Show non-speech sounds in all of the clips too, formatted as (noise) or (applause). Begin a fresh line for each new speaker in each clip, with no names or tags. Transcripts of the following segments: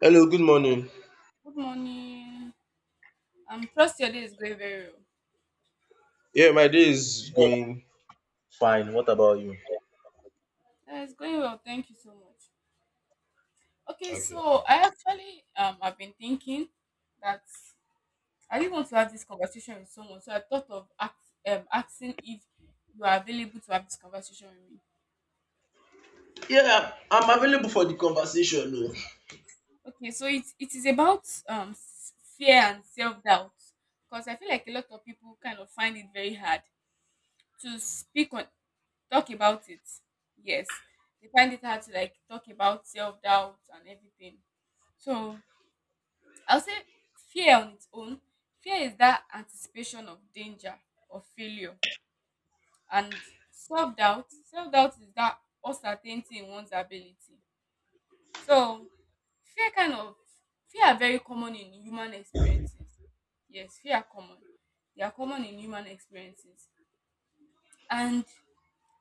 Hello, good morning.
Good morning. Am trust your day is going very well.
Yeah, my day is going fine. What about you?
Yeah, it's going well. Thank you so much. Okay,
Okay.
so I actually I've been thinking that I didn't want to have this conversation with someone, so I thought of act asking if you are available to have this conversation with me.
Yeah, I'm available for the conversation.
Okay, so it is about fear and self doubt because I feel like a lot of people kind of find it very hard to speak on talk about it. Yes, they find it hard to like talk about self doubt and everything. So I'll say fear on its own. Fear is that anticipation of danger or failure. And self doubt is that uncertainty in one's ability. So fear kind of fear are very common in human experiences. Yes, fear are common. They are common in human experiences. And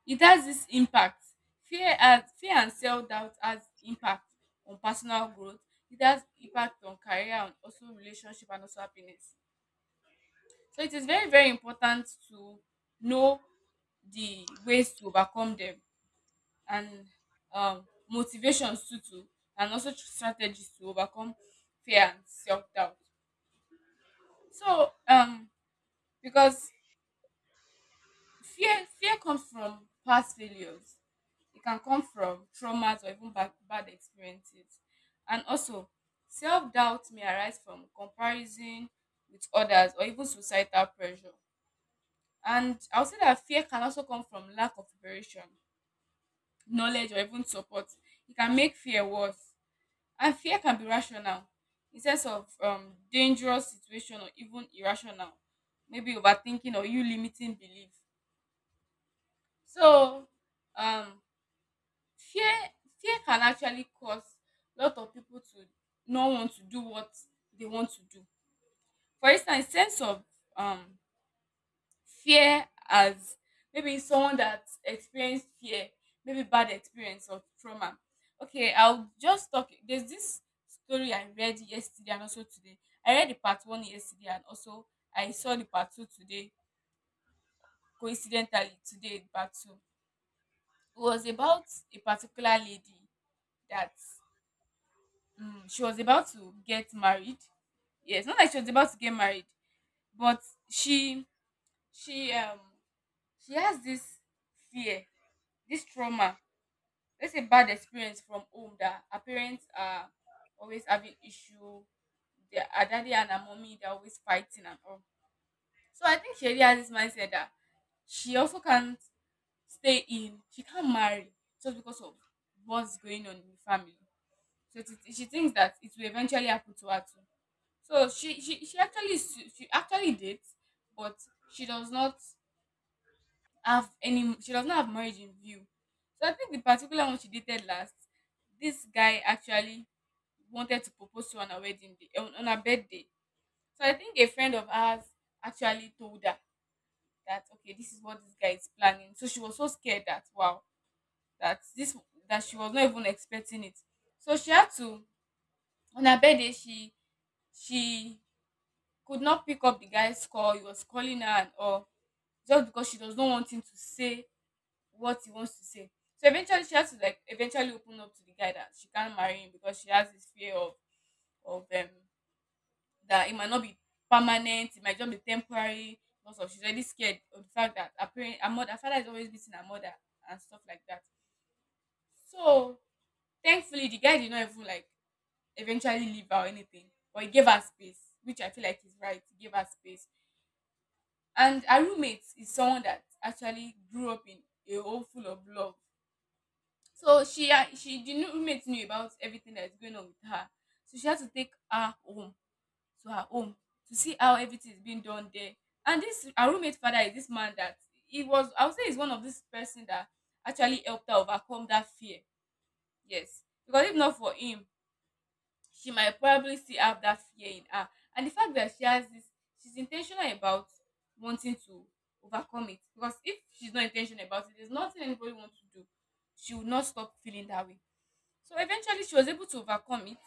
it has this impact. Fear and self doubt has impact on personal growth. It has impact on career and also relationship and also happiness. So it is very, very important to know the ways to overcome them, and motivations and also strategies to overcome fear and self doubt. So, because fear comes from past failures, it can come from traumas or even bad experiences, and also self doubt may arise from comparison with others or even societal pressure. And I'll say that fear can also come from lack of preparation, knowledge, or even support. It can make fear worse. And fear can be rational in sense of dangerous situation or even irrational, maybe overthinking or you limiting belief. So, um, fear fear can actually cause a lot of people to not want to do what they want to do. For instance, sense of um, fear as maybe someone that experienced fear, maybe bad experience or trauma. Okay, I'll just talk. There's this story I read yesterday and also today. I read the part one yesterday and also I saw the part two today. Coincidentally, today the part two, it was about a particular lady that she was about to get married. Yes, not like she was about to get married, but she she she has this fear, this trauma, let's say bad experience from home, that our parents are always having issue, their our daddy and her mommy, they're always fighting and all. So I think she already has this mindset that she also can't stay in she can't marry just because of what's going on in the family. So it she thinks that it will eventually happen to her too. So she actually dates, but she does not she does not have marriage in view. So I think the particular one she dated last, this guy actually wanted to propose to her on her birthday. So I think a friend of ours actually told her that okay, this is what this guy is planning. So she was so scared that wow, that this that she was not even expecting it. So she had to, on her birthday, she could not pick up the guy's call, he was calling her and all, just because she does not want him to say what he wants to say. So eventually, she has to like eventually open up to the guy that she can't marry him because she has this fear of that it might not be permanent, it might just be temporary. Because of she's already scared of the fact that her mother, her father is always beating her mother and stuff like that. So thankfully, the guy did not even like eventually leave her or anything, but he gave her space, which I feel like is right. He gave her space, and her roommate is someone that actually grew up in a home full of love. So she had she the new roommate knew about everything that's going on with her. So she had to take her home to see how everything is being done there. And this our roommate father is this man that, he was, I would say he's one of this person that actually helped her overcome that fear. Yes. Because if not for him, she might probably still have that fear in her. And the fact that she has this, she's intentional about wanting to overcome it. Because if she's not intentional about it, there's nothing anybody wants to do. She will not stop feeling that way. So eventually she was able to overcome it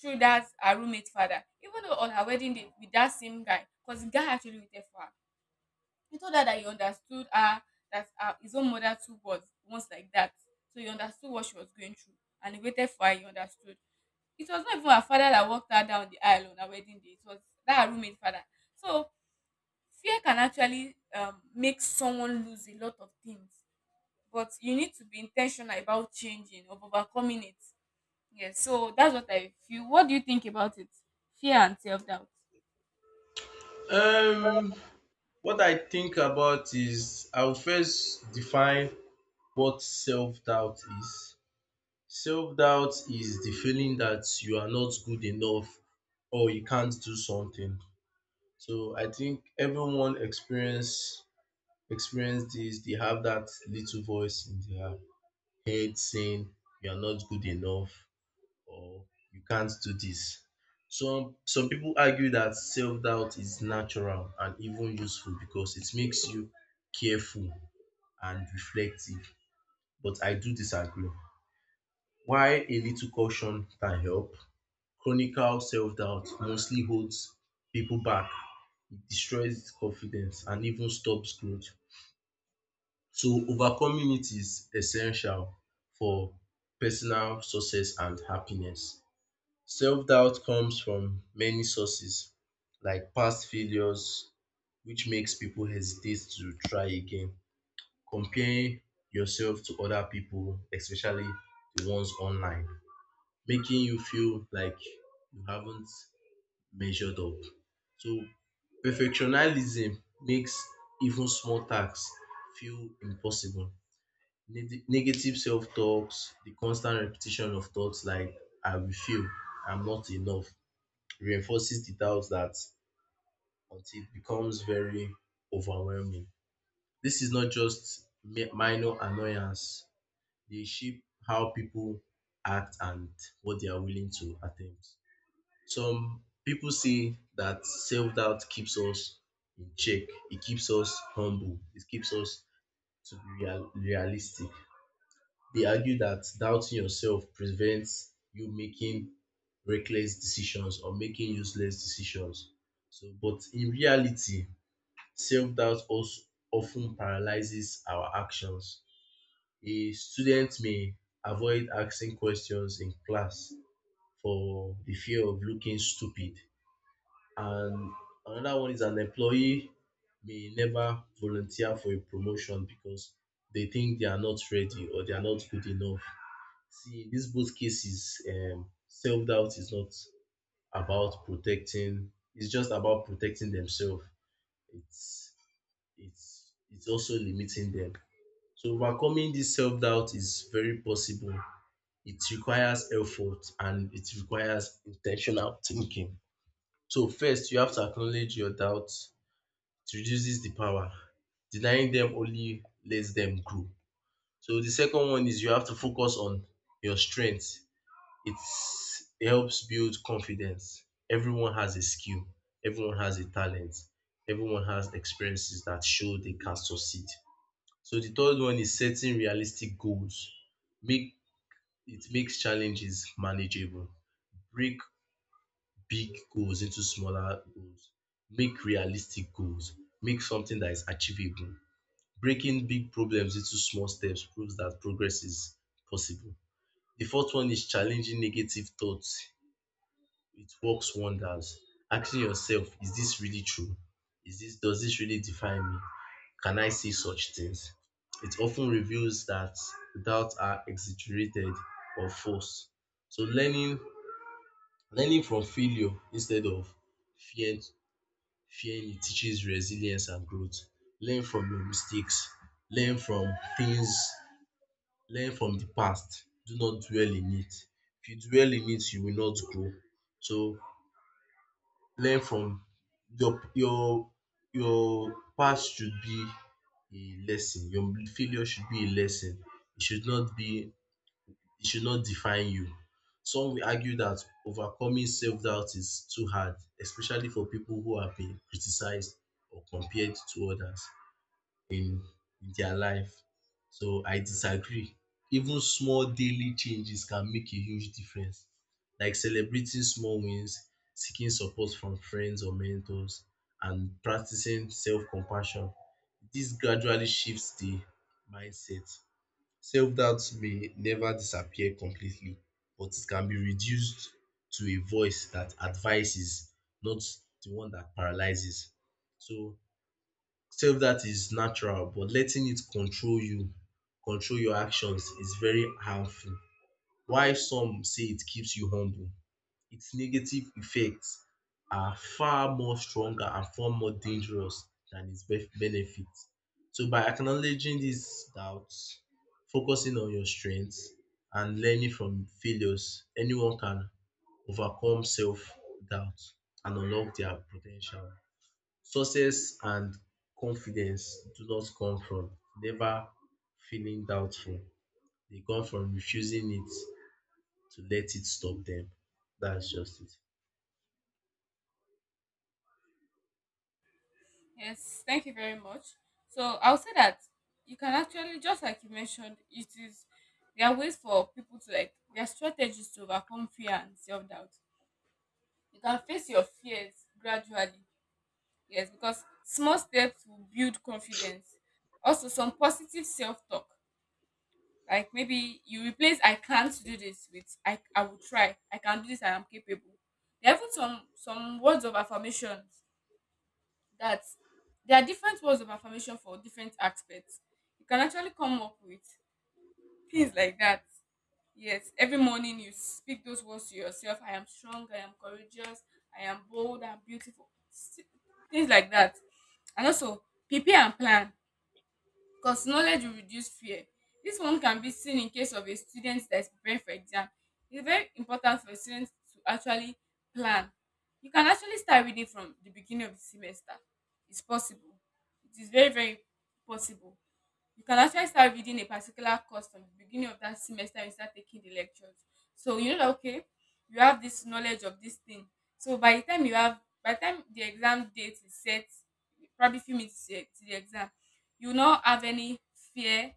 through that her roommate father. Even though on her wedding day with that same guy, because the guy actually waited for her. He told her that he understood her, that his own mother too was once like that. So he understood what she was going through. And he waited for her, he understood. It was not even her father that walked her down the aisle on her wedding day. It was that her roommate father. So fear can actually make someone lose a lot of things. But you need to be intentional about changing or overcoming it. Yes, so that's what I feel. What do you think about it? Fear and self doubt.
No. What I think about is I'll first define what self doubt is. Self doubt is the feeling that you are not good enough or you can't do something. So I think everyone experience this. They have that little voice in their head saying you are not good enough, or you can't do this. Some people argue that self-doubt is natural and even useful because it makes you careful and reflective. But I do disagree. While a little caution can help, chronic self-doubt mostly holds people back. It destroys confidence and even stops growth. So overcoming it is essential for personal success and happiness. Self doubt comes from many sources like past failures, which makes people hesitate to try again. Comparing yourself to other people, especially the ones online, making you feel like you haven't measured up. So, perfectionism makes even small tasks feel impossible. Negative self talks, the constant repetition of thoughts like, I will fail, I'm not enough, reinforces the doubt that until it becomes very overwhelming. This is not just minor annoyance, they shape how people act and what they are willing to attempt. Some people say that self doubt keeps us in check, it keeps us humble, it keeps us to be realistic. They argue that doubting yourself prevents you making reckless decisions or making useless decisions. So, but in reality, self doubt also often paralyzes our actions. A student may avoid asking questions in class for the fear of looking stupid. And another one is an employee may never volunteer for a promotion because they think they are not ready or they are not good enough. See, in these both cases, self doubt is not about protecting. It's just about protecting themselves. It's it's also limiting them. So overcoming this self doubt is very possible. It requires effort and it requires intentional thinking. So first, you have to acknowledge your doubts. It reduces the power. Denying them only lets them grow. So the second one is you have to focus on your strength. It helps build confidence. Everyone has a skill, everyone has a talent, everyone has experiences that show they can succeed. So the third one is setting realistic goals. Make It makes challenges manageable. Break big goals into smaller goals. Make realistic goals. Make something that is achievable. Breaking big problems into small steps proves that progress is possible. The fourth one is challenging negative thoughts, it works wonders. Asking yourself, is this really true? Is this Does this really define me? Can I say such things? It often reveals that doubts are exaggerated or false. So learning from failure instead of fear fearing it teaches resilience and growth. Learn from your mistakes. Learn from things learn from the past. Do not dwell in it. If you dwell in it, you will not grow. So learn from your your your past should be a lesson. Your failure should be a lesson. It should not be, it should not define you. Some will argue that overcoming self-doubt is too hard, especially for people who have been criticized or compared to others in their life. So I disagree. Even small daily changes can make a huge difference, like celebrating small wins, seeking support from friends or mentors, and practicing self compassion. This gradually shifts the mindset. Self doubt may never disappear completely, but it can be reduced to a voice that advises, not the one that paralyzes. So self doubt is natural, but letting it control you, control your actions, is very harmful. While some say it keeps you humble, its negative effects are far more stronger and far more dangerous than its benefits. So by acknowledging these doubts, focusing on your strengths, and learning from failures, anyone can overcome self doubt and unlock their potential. Success and confidence do not come from never feeling doubtful. They come from refusing it to let it stop them. That's just it.
Yes, thank you very much. So I'll say that you can actually, just like you mentioned, it is there are ways for people to like their strategies to overcome fear and self doubt. You can face your fears gradually. Yes, because small steps will build confidence. Also, some positive self talk. Like maybe you replace I can't do this with I will try. I can do this, I am capable. There are even some words of affirmation that, there are different words of affirmation for different aspects. You can actually come up with things like that. Yes, every morning you speak those words to yourself. I am strong, I am courageous, I am bold, I am beautiful. Things like that. And also prepare and plan. Because knowledge will reduce fear. This one can be seen in case of a student that is preparing for exam. It's very important for students to actually plan. You can actually start reading from the beginning of the semester. It's possible. It is very, very possible. You can actually start reading a particular course from the beginning of that semester and start taking the lectures. So you know that okay, you have this knowledge of this thing. So by the time the exam date is set, probably few minutes to the exam, you will not have any fear,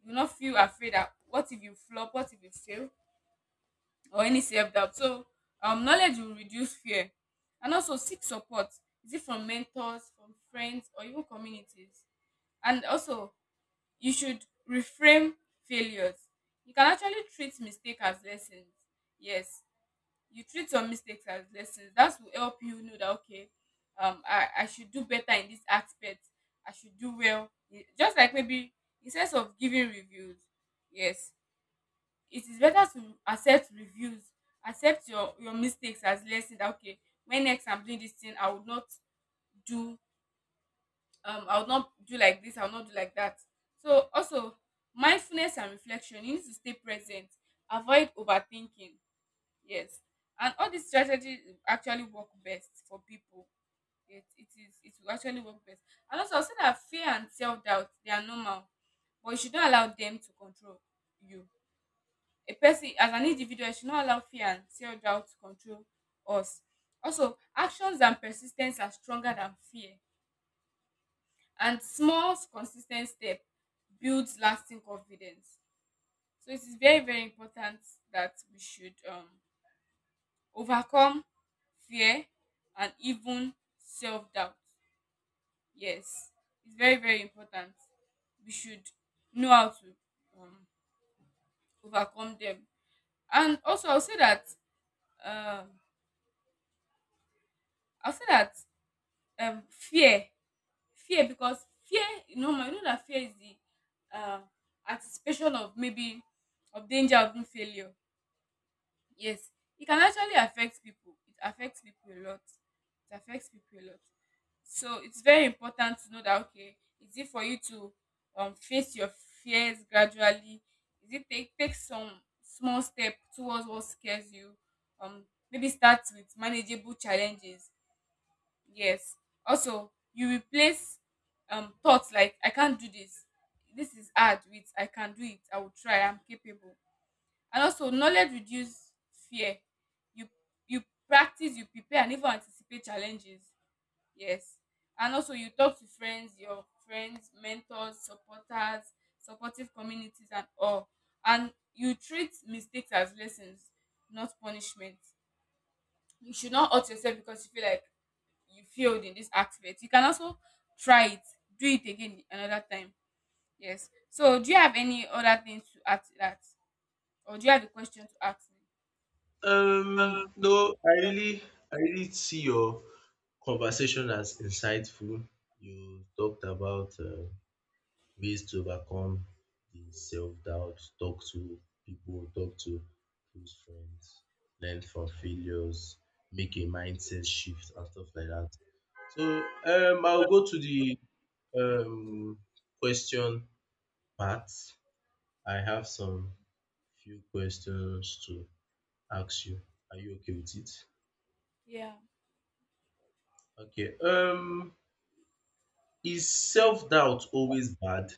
you will not feel afraid that what if you flop, what if you fail, or any self doubt. So knowledge will reduce fear, and also seek support. Is it from mentors, from friends, or even communities? And also you should reframe failures. You can actually treat mistake as lessons. Yes, you treat some mistakes as lessons. That will help you know that okay, I should do better in this aspect. I should do well. Just like maybe instead of giving reviews, yes, it is better to accept reviews, accept your mistakes as lessons. That okay, when next I'm doing this thing, I will not do I would not do like this, I would not do like that. So also mindfulness and reflection, you need to stay present, avoid overthinking. Yes, and all these strategies actually work best for people. It will actually work best. And also I'll say that fear and self-doubt, they are normal, but you should not allow them to control you, a person as an individual. You should not allow fear and self-doubt to control us. Also, actions and persistence are stronger than fear, and small consistent step builds lasting confidence. So it is very, very important that we should overcome fear and even self-doubt. Yes, it's very, very important. We should know how to, um, overcome them. And also um, I'll say that, um, fear fear, you know, you know that fear is the uh, anticipation of maybe of danger, of being failure. Yes, it can actually affect people, it affects people a lot, it affects people a lot. So it's very important to know that okay, is it for you to face your fears gradually? Is it take some small step towards what scares you, um maybe start with manageable challenges. Yes. Also, you replace thoughts like I can't do this, this is hard, with I can do it. I will try. I'm capable. And also knowledge reduce fear. You you practice, you prepare and even anticipate challenges. Yes. And also you talk to your friends, mentors, supporters, supportive communities and all. And you treat mistakes as lessons, not punishment. You should not hurt yourself because you feel like you failed in this aspect. You can also try it, do it again another time. Yes, so do you have any other things to add to that, or do you have a question to ask me?
No, I really see your conversation as insightful. You talked about ways to overcome the self doubt, talk to people, talk to close friends, learn from failures, make a mindset shift and stuff like that. So, I'll go to the um, question part. I have some few questions to ask you. Are you okay with it?
Yeah.
Okay. Is self-doubt always bad?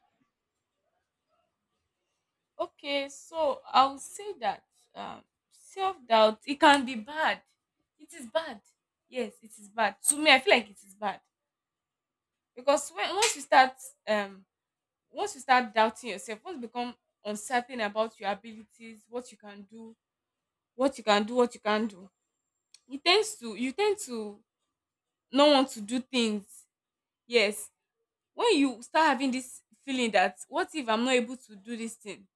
Okay. So I will say that um, self doubt it can be bad. It is bad. Yes, it is bad. To me, I feel like it is bad because when um once you start doubting yourself, once you become uncertain about your abilities, what you can do, what you can do, it tend to not want to do things. Yes. When you start having this feeling that what if I'm not able to do this thing?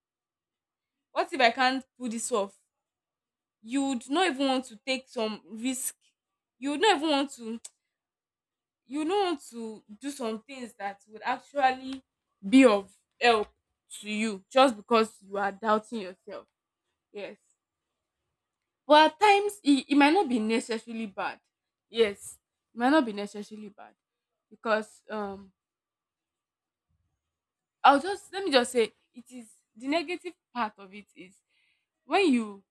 What if I can't pull this off? You would not even want to take some risk. You would not even want to (tsk) you would not want to do some things that would actually be of help to you just because you are doubting yourself. Yes. But at times it might not be necessarily bad. Yes. It might not be necessarily bad. Because I'll just let me just say it is the negative part of it is when you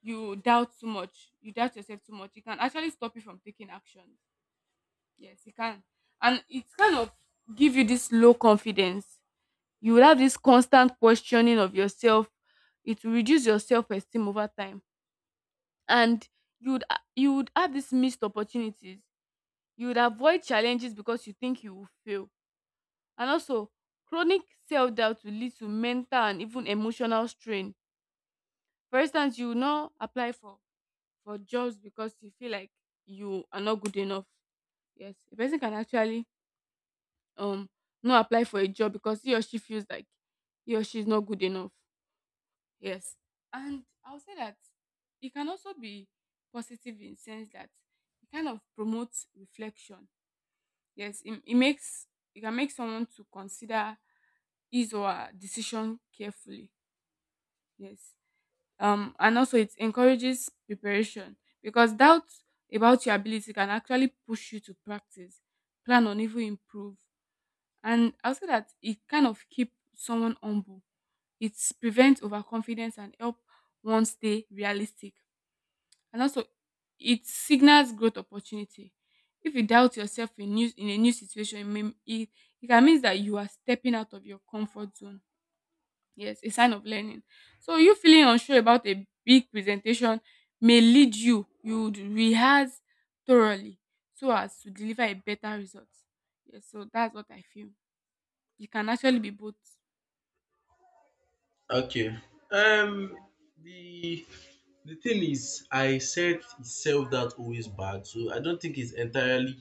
you doubt too much, you doubt yourself too much, it can actually stop you from taking action. Yes, it can. And it kind of give you this low confidence. You will have this constant questioning of yourself. It will reduce your self-esteem over time. And you would have these missed opportunities. You would avoid challenges because you think you will fail. And also chronic self-doubt will lead to mental and even emotional strain. For instance, you will not apply for jobs because you feel like you are not good enough. Yes, a person can actually um not apply for a job because he or she feels like he or she is not good enough. Yes, and I'll say that it can also be positive in sense that it kind of promotes reflection. Yes, it makes it can make someone to consider his or her decision carefully. Yes, and also it encourages preparation because doubt about your ability can actually push you to practice, plan on even improve. And I'll say that it kind of keep someone humble. It prevents overconfidence and help one stay realistic. And also, it signals growth opportunity. If you doubt yourself in a new situation, it it can mean that you are stepping out of your comfort zone. Yes, a sign of learning. So you feeling unsure about a big presentation may lead you would rehearse thoroughly so as to deliver a better result. Yes, so that's what I feel. You can actually be both.
Okay. Um, the thing is, I said is self-doubt always bad, so I don't think it's entirely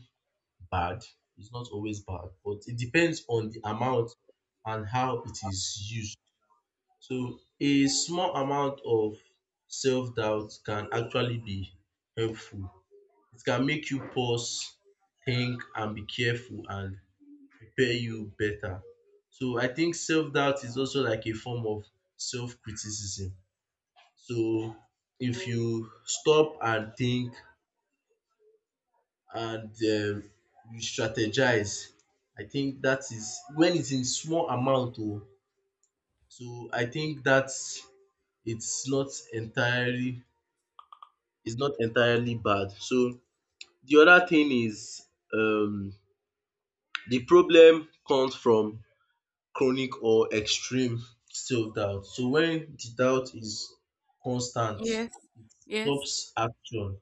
bad. It's not always bad, but it depends on the amount and how it is used. So a small amount of self-doubt can actually be helpful. It can make you pause, think, and be careful and prepare you better. So I think self-doubt is also like a form of self-criticism. So if you stop and think and you strategize, I think that is when it's in small amount oh. So I think that it's not entirely, is not entirely bad. So the other thing is, um the problem comes from chronic or extreme self doubt. So when the doubt is constant,
Yes. Yes.
stops action,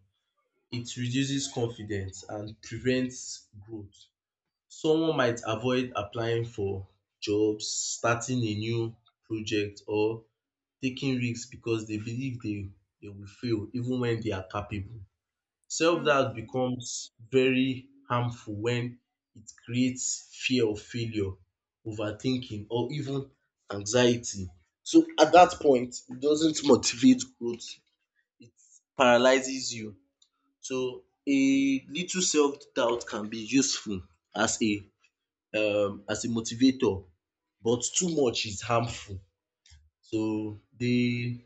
it reduces confidence and prevents growth. Someone might avoid applying for jobs, starting a new project or taking risks because they believe they will fail even when they are capable. Self
True.
doubt becomes very harmful when it creates fear of failure, overthinking, or even anxiety. So at that point, it doesn't motivate growth, it paralyzes you. So a little self doubt can be useful as a as a motivator, but too much is harmful. So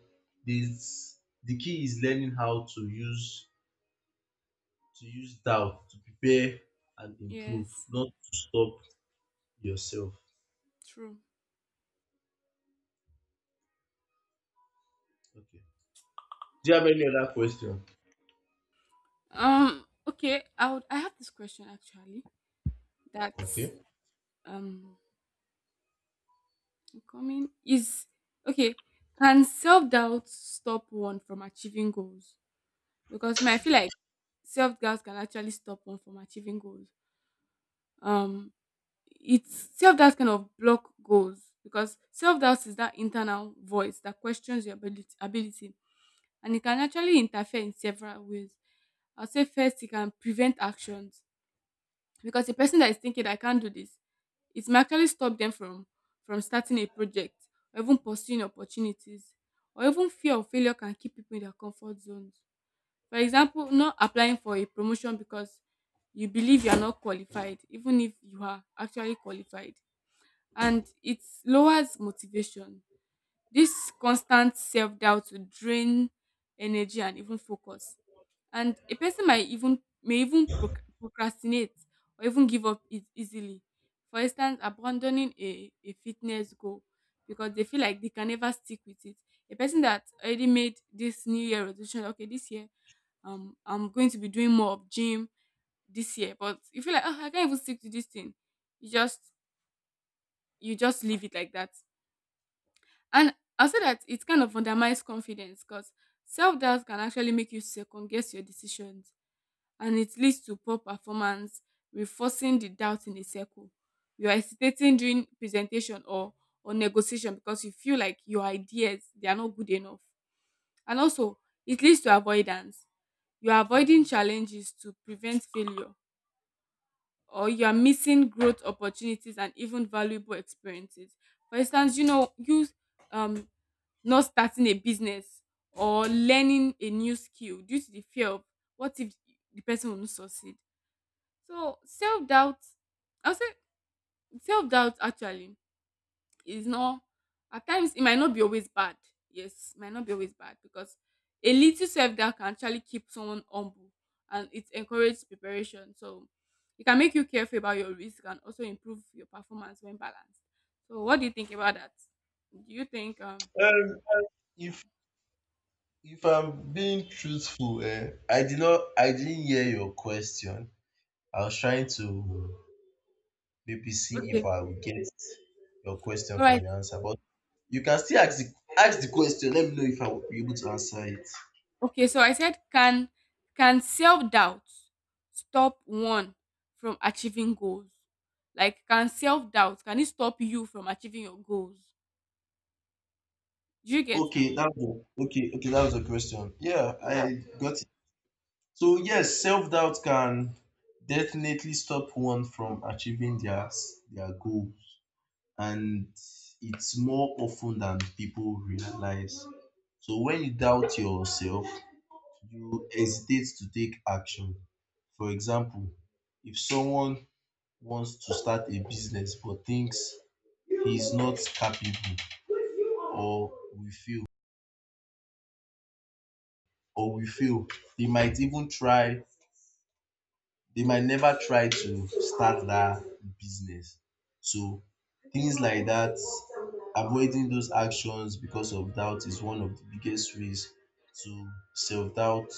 this the key is learning how to use doubt to prepare and improve,
Yes.
not to stop yourself.
True.
Okay. Do you have any other question?
Okay, I would, I have this question actually. That's
Okay.
um coming is okay. Can self doubt stop one from achieving goals? Because me, I feel like self doubt can actually stop one from achieving goals. Um, it's self doubt kind of block goals because self doubt is that internal voice that questions your ability, and it can actually interfere in several ways. I'll say first, it can prevent actions because the person that is thinking I can't do this, it may actually stop them from starting a project or even pursuing opportunities, or even fear of failure can keep people in their comfort zones. For example, not applying for a promotion because you believe you are not qualified, even if you are actually qualified. And it lowers motivation. This constant self doubt will drain energy and even focus, and a person might even may even proc- procrastinate or even give up easily. For instance, abandoning a fitness goal because they feel like they can never stick with it. A person that already made this new year resolution, okay, this year, I'm going to be doing more of gym this year, but you feel like, oh, I can't even stick to this thing. You just you just leave it like that. And I say that it kind of undermines confidence because self-doubt can actually make you second guess your decisions, and it leads to poor performance, reinforcing the doubt in a circle. You are hesitating during presentation or negotiation because you feel like your ideas they are not good enough. And also, it leads to avoidance. You are avoiding challenges to prevent failure, or you are missing growth opportunities and even valuable experiences. For instance, you um not starting a business or learning a new skill due to the fear of what if the person will not succeed. So self doubt, I'll say self doubt actually is not at times it might not be always bad. Yes, it might not be always bad because a little self doubt can actually keep someone humble and it encourages preparation. So it can make you careful about your risk and also improve your performance when balanced. So what do you think about that? Do you think
Um,
yeah
if I'm being truthful, I did not, I didn't hear your question. I was trying to maybe see if
okay
I would get your question
all
from
right
your answer, but you can still ask ask the question. Let me know if I will be able to answer it.
okay, so I said can self-doubt stop one from achieving goals? Like can self-doubt can it stop you from achieving your goals? Do you get that?
Okay, that was okay. Okay, that was the question. Yeah, I got it. So yes, self doubt can definitely stop one from achieving their goals, and it's more often than people realize. So when you doubt yourself, you hesitate to take action. For example, if someone wants to start a business but thinks he's not capable or we feel, or we feel, they might even try they might never try to start that business. So things like that, avoiding those actions because of doubt is one of the biggest ways to self doubt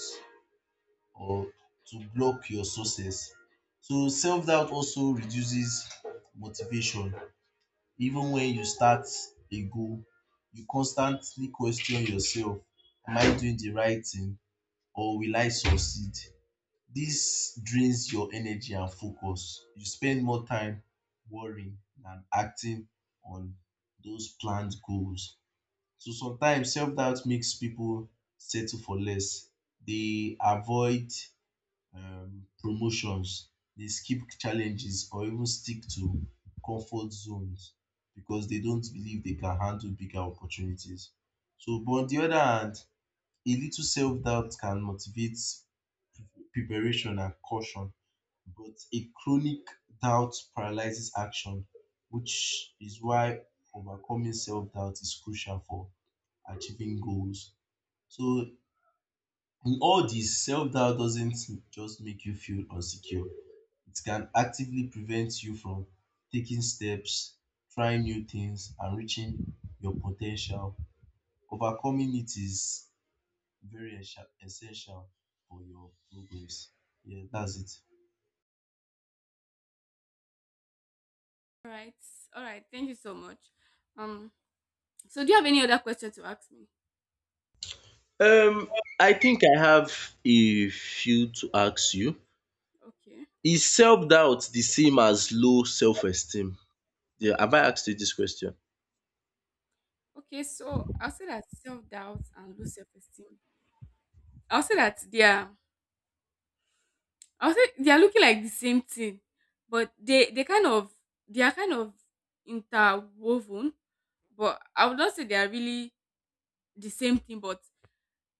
or to block your success. So self doubt also reduces motivation. Even when you start a goal, you constantly question yourself, am I doing the right thing or will I succeed? This drains your energy and focus. You spend more time worrying than acting on those planned goals. So sometimes self doubt makes people settle for less. They avoid promotions, they skip challenges, or even stick to comfort zones because they don't believe they can handle bigger opportunities. So, but on the other hand, a little self doubt can motivate preparation and caution, but a chronic doubt paralyzes action, which is why overcoming self doubt is crucial for achieving goals. So, in all this, self doubt doesn't just make you feel insecure, it can actively prevent you from taking steps, trying new things, and reaching your potential. Overcoming it is very essential for your progress. Yeah, that's it.
All right. All right. Thank you so much. Um so do you have any other question to ask me?
Um, I think I have a few to ask you.
Okay.
Is self-doubt the same as low self-esteem? Yeah, have I asked you this question?
Okay, so I'll say that self-doubt and low self-esteem. I'll say that they are I'll say they are looking like the same thing, but they kind of they are kind of interwoven. But I would not say they are really the same thing, but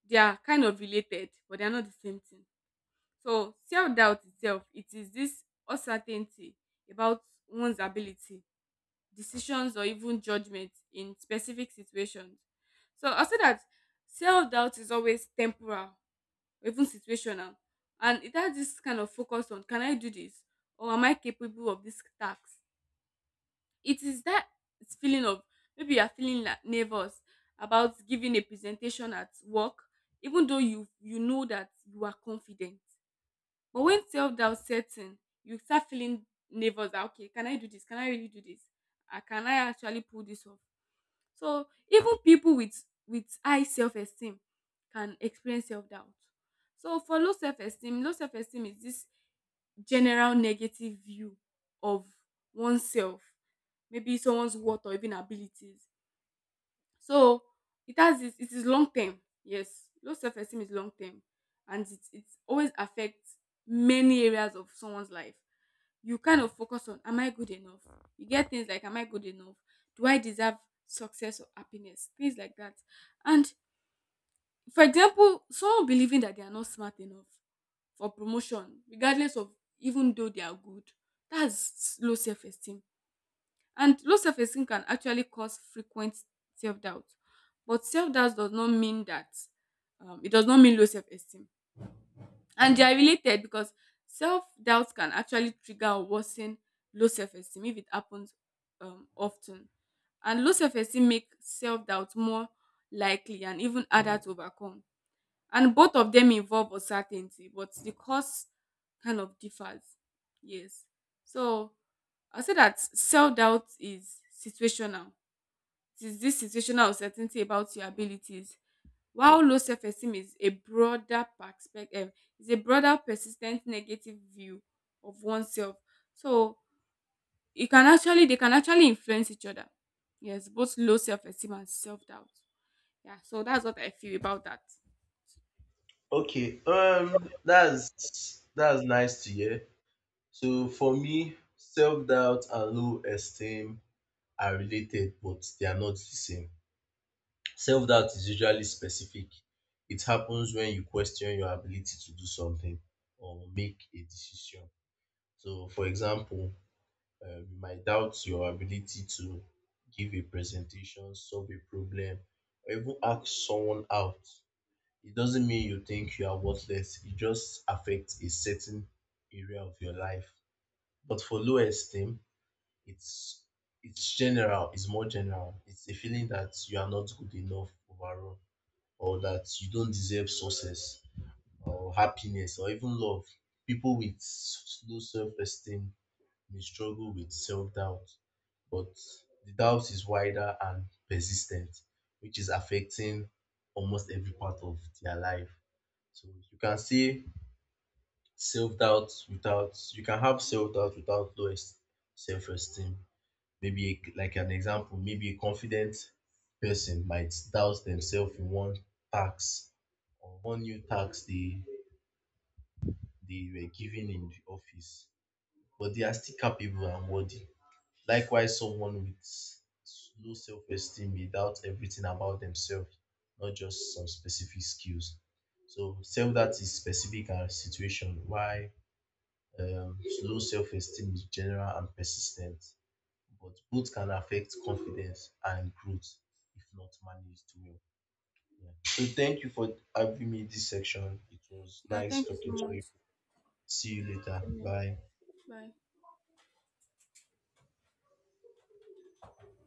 they are kind of related, but they are not the same thing. So self doubt itself, it is this uncertainty about one's ability, decisions, or even judgment in specific situations. So I say that self doubt is always temporal, even situational, and it has this kind of focus on can I do this or am I capable of this task? It is that feeling of maybe you are feeling like nervous about giving a presentation at work, even though you know that you are confident. But when self doubt sets in, you start feeling nervous. That, okay, can I do this? Can I really do this? Can I actually pull this off? So even people with high self esteem can experience self doubt. So for low self esteem is this general negative view of oneself, maybe someone's worth or even abilities. So it has this, it is long term. Yes, low self esteem is long term, and it always affects many areas of someone's life. You kind of focus on am I good enough? You get things like am I good enough? Do I deserve success or happiness? Things like that. And for example, someone believing that they are not smart enough for promotion, regardless of even though they are good, that's low self esteem, and low self esteem can actually cause frequent self doubt. But self doubt does not mean that, it does not mean low self esteem. And they are related because self doubt can actually trigger or worsen low self esteem if it happens often. And low self esteem make self doubt more likely and even harder to overcome, and both of them involve uncertainty but the cause kind of differs. Yes, so I say that self-doubt is situational. It is this situational uncertainty about your abilities, while low self-esteem is a broader perspective, is a broader persistent negative view of oneself. So it can actually they can actually influence each other. Yes, both low self-esteem and self-doubt. Yeah, so that's what I feel about that.
Okay, that's nice to hear. So for me, self-doubt and low esteem are related, but they are not the same. Self-doubt is usually specific. It happens when you question your ability to do something or make a decision. So for example, you might doubt your ability to give a presentation, solve a problem, or even ask someone out. It doesn't mean you think you are worthless, it just affects a certain area of your life. But for low esteem, it's it's general, it's more general. It's a feeling that you are not good enough overall, or that you don't deserve success, or happiness, or even love. People with low self esteem may struggle with self doubt, but the doubt is wider and persistent, which is affecting almost every part of their life. So you can say self doubt without you can have self doubt without low self esteem. Maybe a, like an example, maybe a confident person might doubt themselves in one task or one new task they were given in the office, but they are still capable and worthy. Likewise, someone with low self esteem may doubt everything about themselves, not just some specific skills. So, self that is specific and situation, why um, low self esteem is general and persistent, but both can affect confidence and growth if not managed well. Yeah. So, thank you for having me this section. It was
Yeah,
nice
thank you so
talking to
much.
you. See you later.
Amen.
Bye.
Bye.